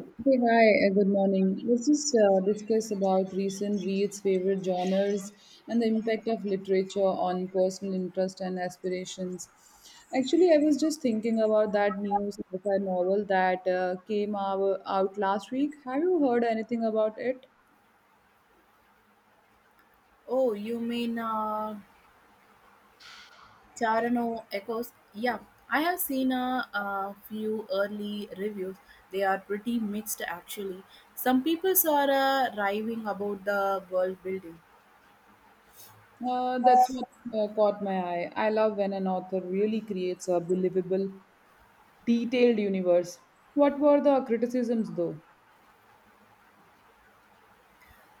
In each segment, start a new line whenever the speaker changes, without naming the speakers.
Hey, hi, good morning. Let's just discuss about recent reads, favorite genres, and the impact of literature on personal interest and aspirations. Actually, I was just thinking about that new sci-fi novel that came out last week. Have you heard anything about it?
Oh, you mean Tarano Echoes? Yeah, I have seen a few early reviews. They are pretty mixed actually. Some people are raving about the world building.
That's what caught my eye. I love when an author really creates a believable, detailed universe. What were the criticisms, though?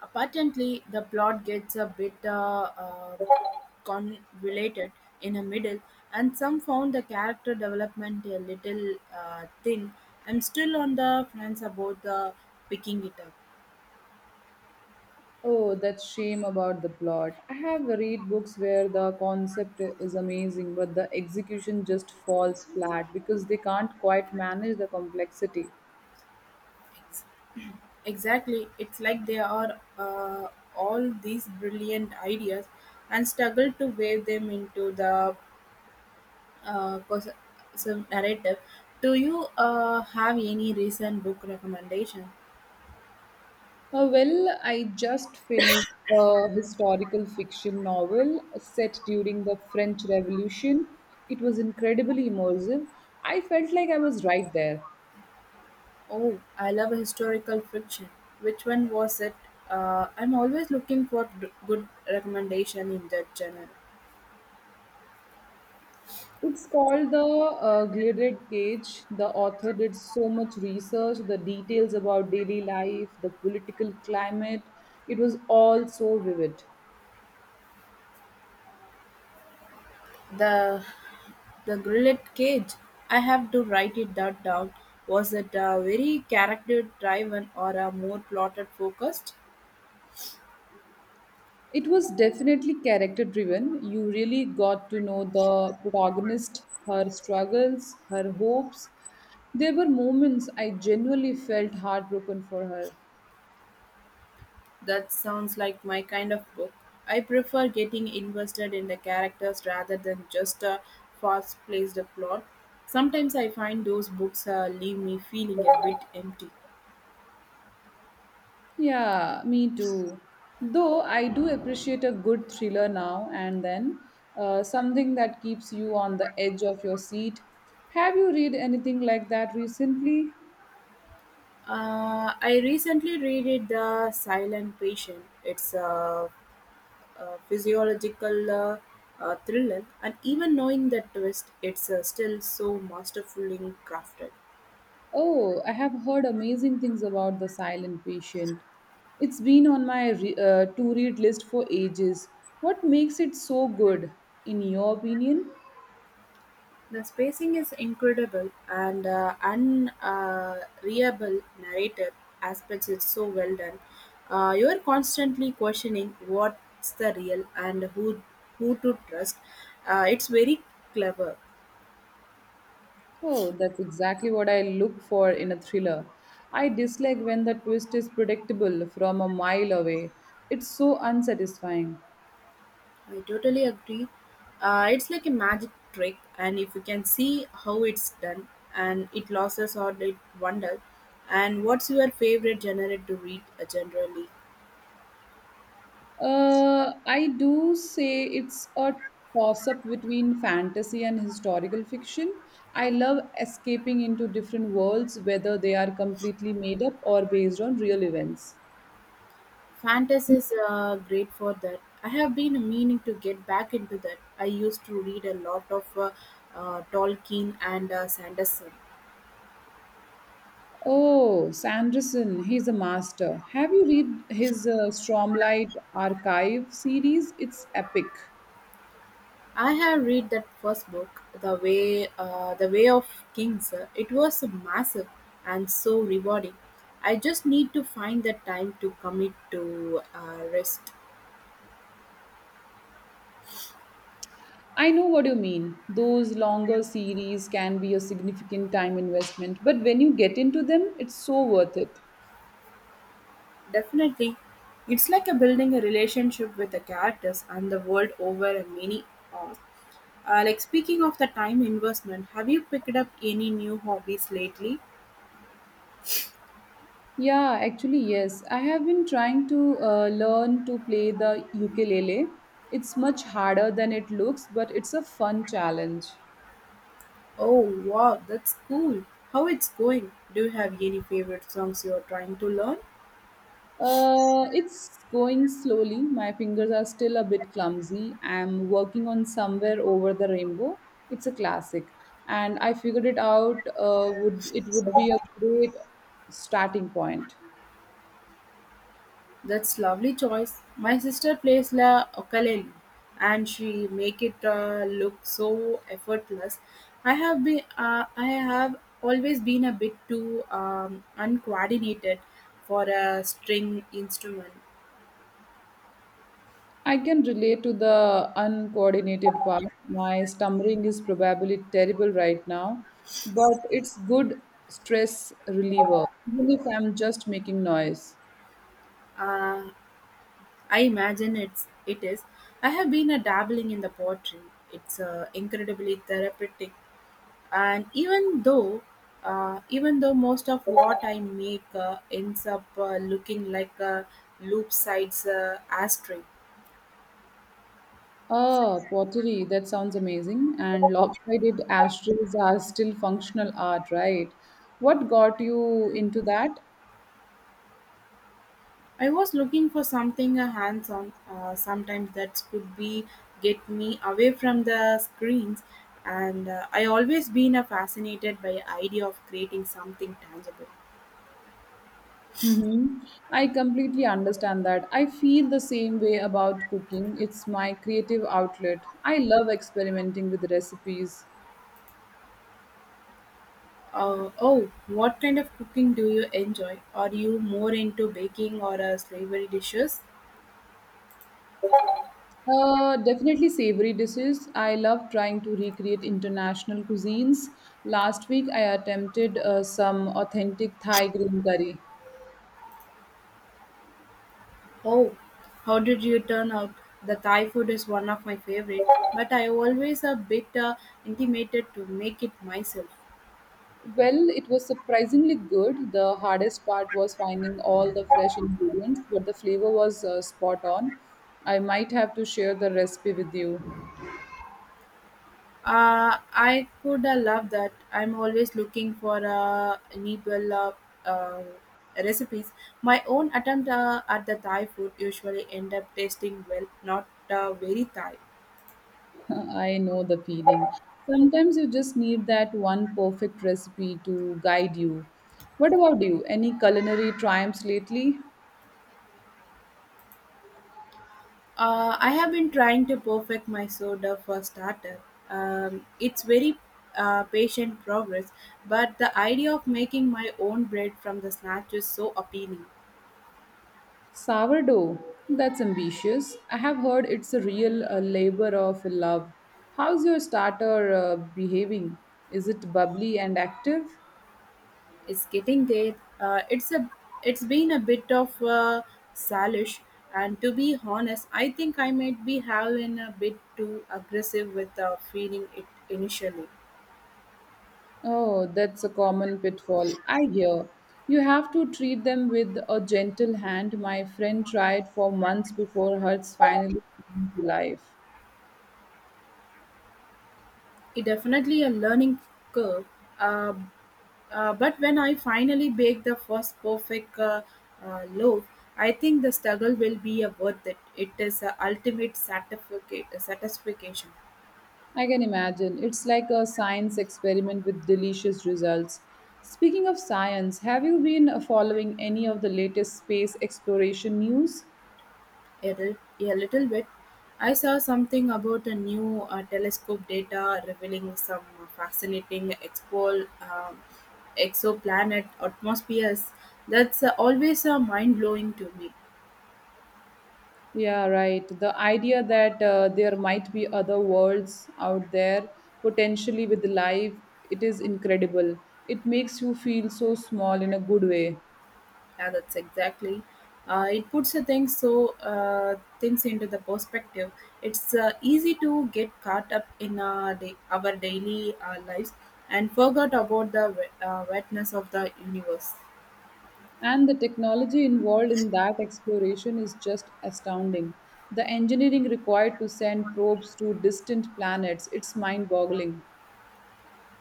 Apparently, the plot gets a bit convoluted in the middle, and some found the character development a little thin. I'm still on the fence about the picking it up.
Oh, that shame about the plot. I have read books where the concept is amazing, but the execution just falls flat because they can't quite manage the complexity.
Exactly. It's like there are all these brilliant ideas and struggle to wave them into the uh, cos- some narrative. Do you have any recent book recommendation?
Well, I just finished a historical fiction novel set during the French Revolution. It was incredibly immersive. I felt like I was right there.
Oh, I love historical fiction. Which one was it? I'm always looking for good recommendation in that genre.
It's called the Gilded Cage. The author did so much research, the details about daily life, the political climate. It was all so vivid.
The the grillet cage. I have to write it that down. Was it a very character driven or a more plotted focused?
It was definitely character driven. You really got to know the protagonist, her struggles, her hopes. There were moments I genuinely felt heartbroken for her.
That sounds like my kind of book. I prefer getting invested in the characters rather than just a fast placed plot. Sometimes I find those books leave me feeling a bit empty.
Yeah, me too. Though I do appreciate a good thriller now and then, something that keeps you on the edge of your seat. Have you read anything like that recently?
I recently read it, The Silent Patient. It's a physiological thriller, and even knowing that twist, it's still so masterfully crafted.
Oh, I have heard amazing things about The Silent Patient. It's been on my to read list for ages. What makes it so good, in your opinion?
The spacing is incredible, and unreliable narrative aspects is so well done. You are constantly questioning what's the real and who to trust. It's very clever.
Oh, that's exactly what I look for in a thriller. I dislike when the twist is predictable from a mile away. It's so unsatisfying.
I totally agree. It's like a magic trick, and if you can see how it's done, and it loses or it wonder. And what's your favorite genre to read generally?
I do say it's a toss up between fantasy and historical fiction. I love escaping into different worlds, whether they are completely made up or based on real events.
Fantasy is great for that. I have been meaning to get back into that. I used to read a lot of Tolkien and Sanderson.
Oh, Sanderson, he's a master. Have you read his Stormlight Archive series? It's epic.
I have read that first book, the Way of Kings. It was massive and so rewarding. I just need to find the time to commit to rest.
I know what you mean. Those longer series can be a significant time investment, but when you get into them, it's so worth it.
Definitely, it's like a building a relationship with the characters and the world over a many hours. Like speaking of the time investment, have you picked up any new hobbies lately?
Yeah, actually, yes. I have been trying to learn to play the ukulele. It's much harder than it looks, but it's a fun challenge.
Oh wow, that's cool. How it's going? Do you have any favorite songs you are trying to learn?
It's going slowly. My fingers are still a bit clumsy. I'm working on Somewhere Over the Rainbow. It's a classic, and I figured it out. Would it would be a great starting point.
That's lovely choice. My sister plays la ukulele, and she make it look so effortless. I have always been a bit too uncoordinated for a string instrument.
I can relate to the uncoordinated part. My stammering is probably terrible right now, but it's good stress reliever, even if I'm just making noise.
Uh, I imagine it is. I have been a dabbling in the pottery. It's incredibly therapeutic and even though most of what I make ends up looking like a loop sides ashtray.
Ah, pottery. That sounds amazing. And lopsided ashtrays are still functional art, right? What got you into that?
I was looking for something hands-on. Sometimes that could be get me away from the screens, and I always been fascinated by idea of creating something tangible.
Mm-hmm. I completely understand that. I feel the same way about cooking. It's my creative outlet. I love experimenting with recipes.
Oh, what kind of cooking do you enjoy? Are you more into baking or savory dishes?
Definitely savory dishes. I love trying to recreate international cuisines. Last week, I attempted some authentic Thai green curry.
Oh, how did you turn out? The Thai food is one of my favorite, but I always a bit intimidated to make it myself.
Well, it was surprisingly good. The hardest part was finding all the fresh ingredients, but the flavor was spot on. I might have to share the recipe with you.
I could love that. I'm always looking for enable uh, recipes. My own attempt at the Thai food usually end up tasting well, not very Thai.
I know the feeling. Sometimes you just need that one perfect recipe to guide you. What about you? Any culinary triumphs lately?
I have been trying to perfect my soda for starter. It's very patient progress, but the idea of making my own bread from the snatch is so appealing.
Sourdough. That's ambitious. I have heard it's a real labor of love. How's your starter behaving? Is it bubbly and active?
It's getting there. It's been a bit of salish, and to be honest, I think I might be having a bit too aggressive with feeding it initially.
Oh, that's a common pitfall. I hear. You have to treat them with a gentle hand. My friend tried for months before hers finally came to life.
It definitely a learning curve, uh, but when I finally bake the first perfect loaf, I think the struggle will be worth it. It is a ultimate satisfaction.
I can imagine. It's like a science experiment with delicious results. Speaking of science, have you been following any of the latest space exploration news?
A little bit. I saw something about a new telescope data revealing some fascinating exoplanet atmospheres. That's always mind blowing to me.
Yeah, right. The idea that there might be other worlds out there, potentially with life, it is incredible. It makes you feel so small in a good way.
Yeah, that's exactly. It puts the things so things into the perspective. It's easy to get caught up in our daily lives and forget about the wetness of the universe.
And the technology involved in that exploration is just astounding. The engineering required to send probes to distant planets, it's mind boggling.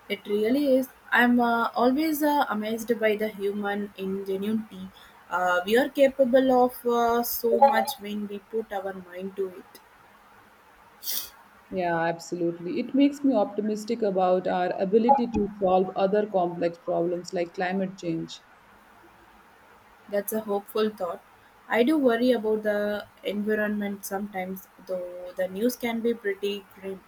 It really is. I'm always amazed by the human ingenuity. We are capable of so much when we put our mind to it.
Yeah, absolutely. It makes me optimistic about our ability to solve other complex problems like climate change.
That's a hopeful thought. I do worry about the environment sometimes, though the news can be pretty grim.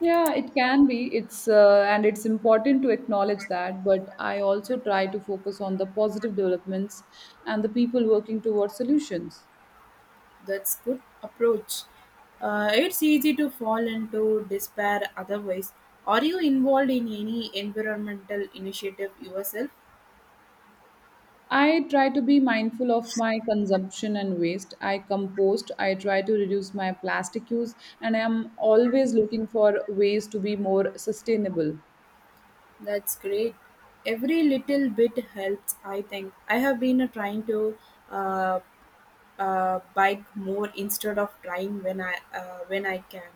Yeah, it can be. It's important to acknowledge that, but I also try to focus on the positive developments and the people working towards solutions.
That's good approach. It's easy to fall into despair otherwise. Are you involved in any environmental initiative yourself?
I try to be mindful of my consumption and waste. I compost, I try to reduce my plastic use, and I am always looking for ways to be more sustainable.
That's great. Every little bit helps, I think. I have been trying to uh, bike more instead of trying when I can.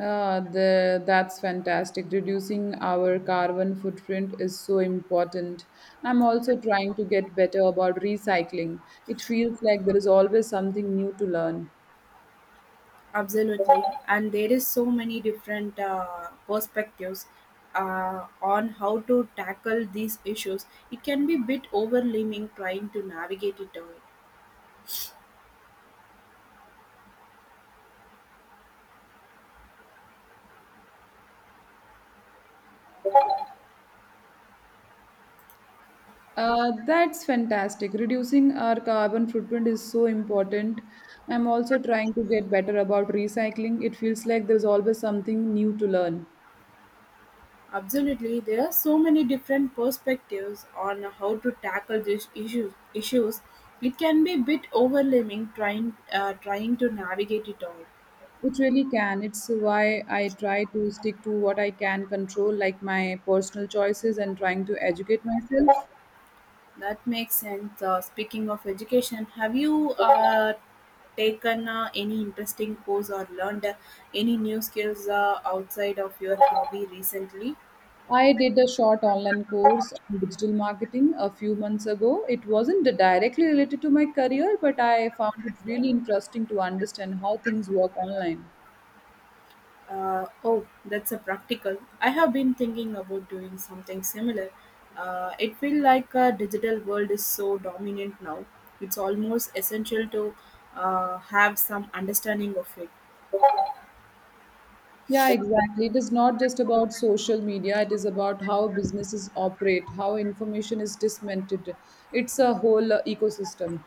That's fantastic. Reducing our carbon footprint is so important. I'm also trying to get better about recycling. It feels like there is always something new to learn.
Absolutely, and there is so many different perspectives on how to tackle these issues. It can be bit overwhelming trying to navigate it all.
That's fantastic. Reducing our carbon footprint is so important. I'm also trying to get better about recycling. It feels like there's always something new to learn.
Absolutely, there are so many different perspectives on how to tackle these issues. Issues, it can be bit overwhelming trying to navigate it all.
It really can. It's why I try to stick to what I can control, like my personal choices and trying to educate myself.
That makes sense. Speaking of education, have you taken any interesting course or learned any new skills outside of your hobby recently?
I did a short online course on digital marketing a few months ago. It wasn't directly related to my career, but I found it really interesting to understand how things work online.
Oh, that's a practical. I have been thinking about doing something similar. It feels like a digital world is so dominant now. It's almost essential to have some understanding of it.
Yeah, exactly. It is not just about social media, it is about how businesses operate, how information is disseminated. It's a whole ecosystem.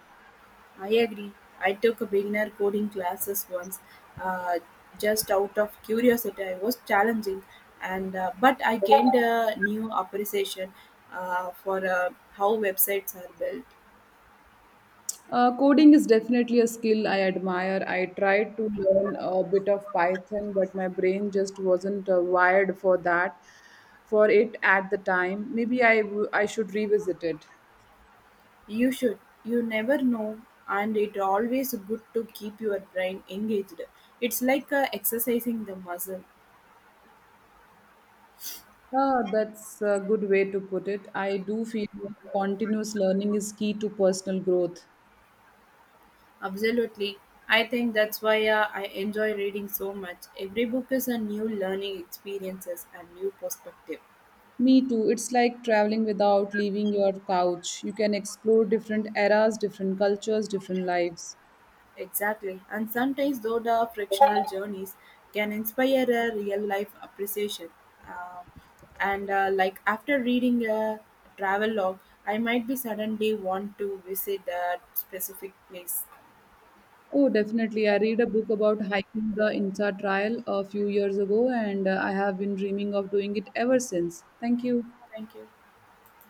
I agree. I took a beginner coding classes once, uh, just out of curiosity. I was challenging, and but I gained a new appreciation for how websites are built.
Coding is definitely a skill I admire. I tried to learn a bit of Python, but my brain just wasn't wired for that, for it at the time. Maybe I should revisit it.
You should. You never know, and it always good to keep your brain engaged. It's like exercising the muscle.
Ah, that's a good way to put it. I do feel like continuous learning is key to personal growth.
Absolutely. I think that's why I enjoy reading so much. Every book is a new learning experiences and new perspective.
Me too. It's like traveling without leaving your couch. You can explore different eras, different cultures, different lives.
Exactly. And sometimes though the frictional journeys can inspire a real life appreciation. Uh, and like after reading a travel log, I might be suddenly want to visit that specific place.
Oh, definitely. I read a book about hiking the INSA trial a few years ago, and I have been dreaming of doing it ever since. Thank you.
Thank you.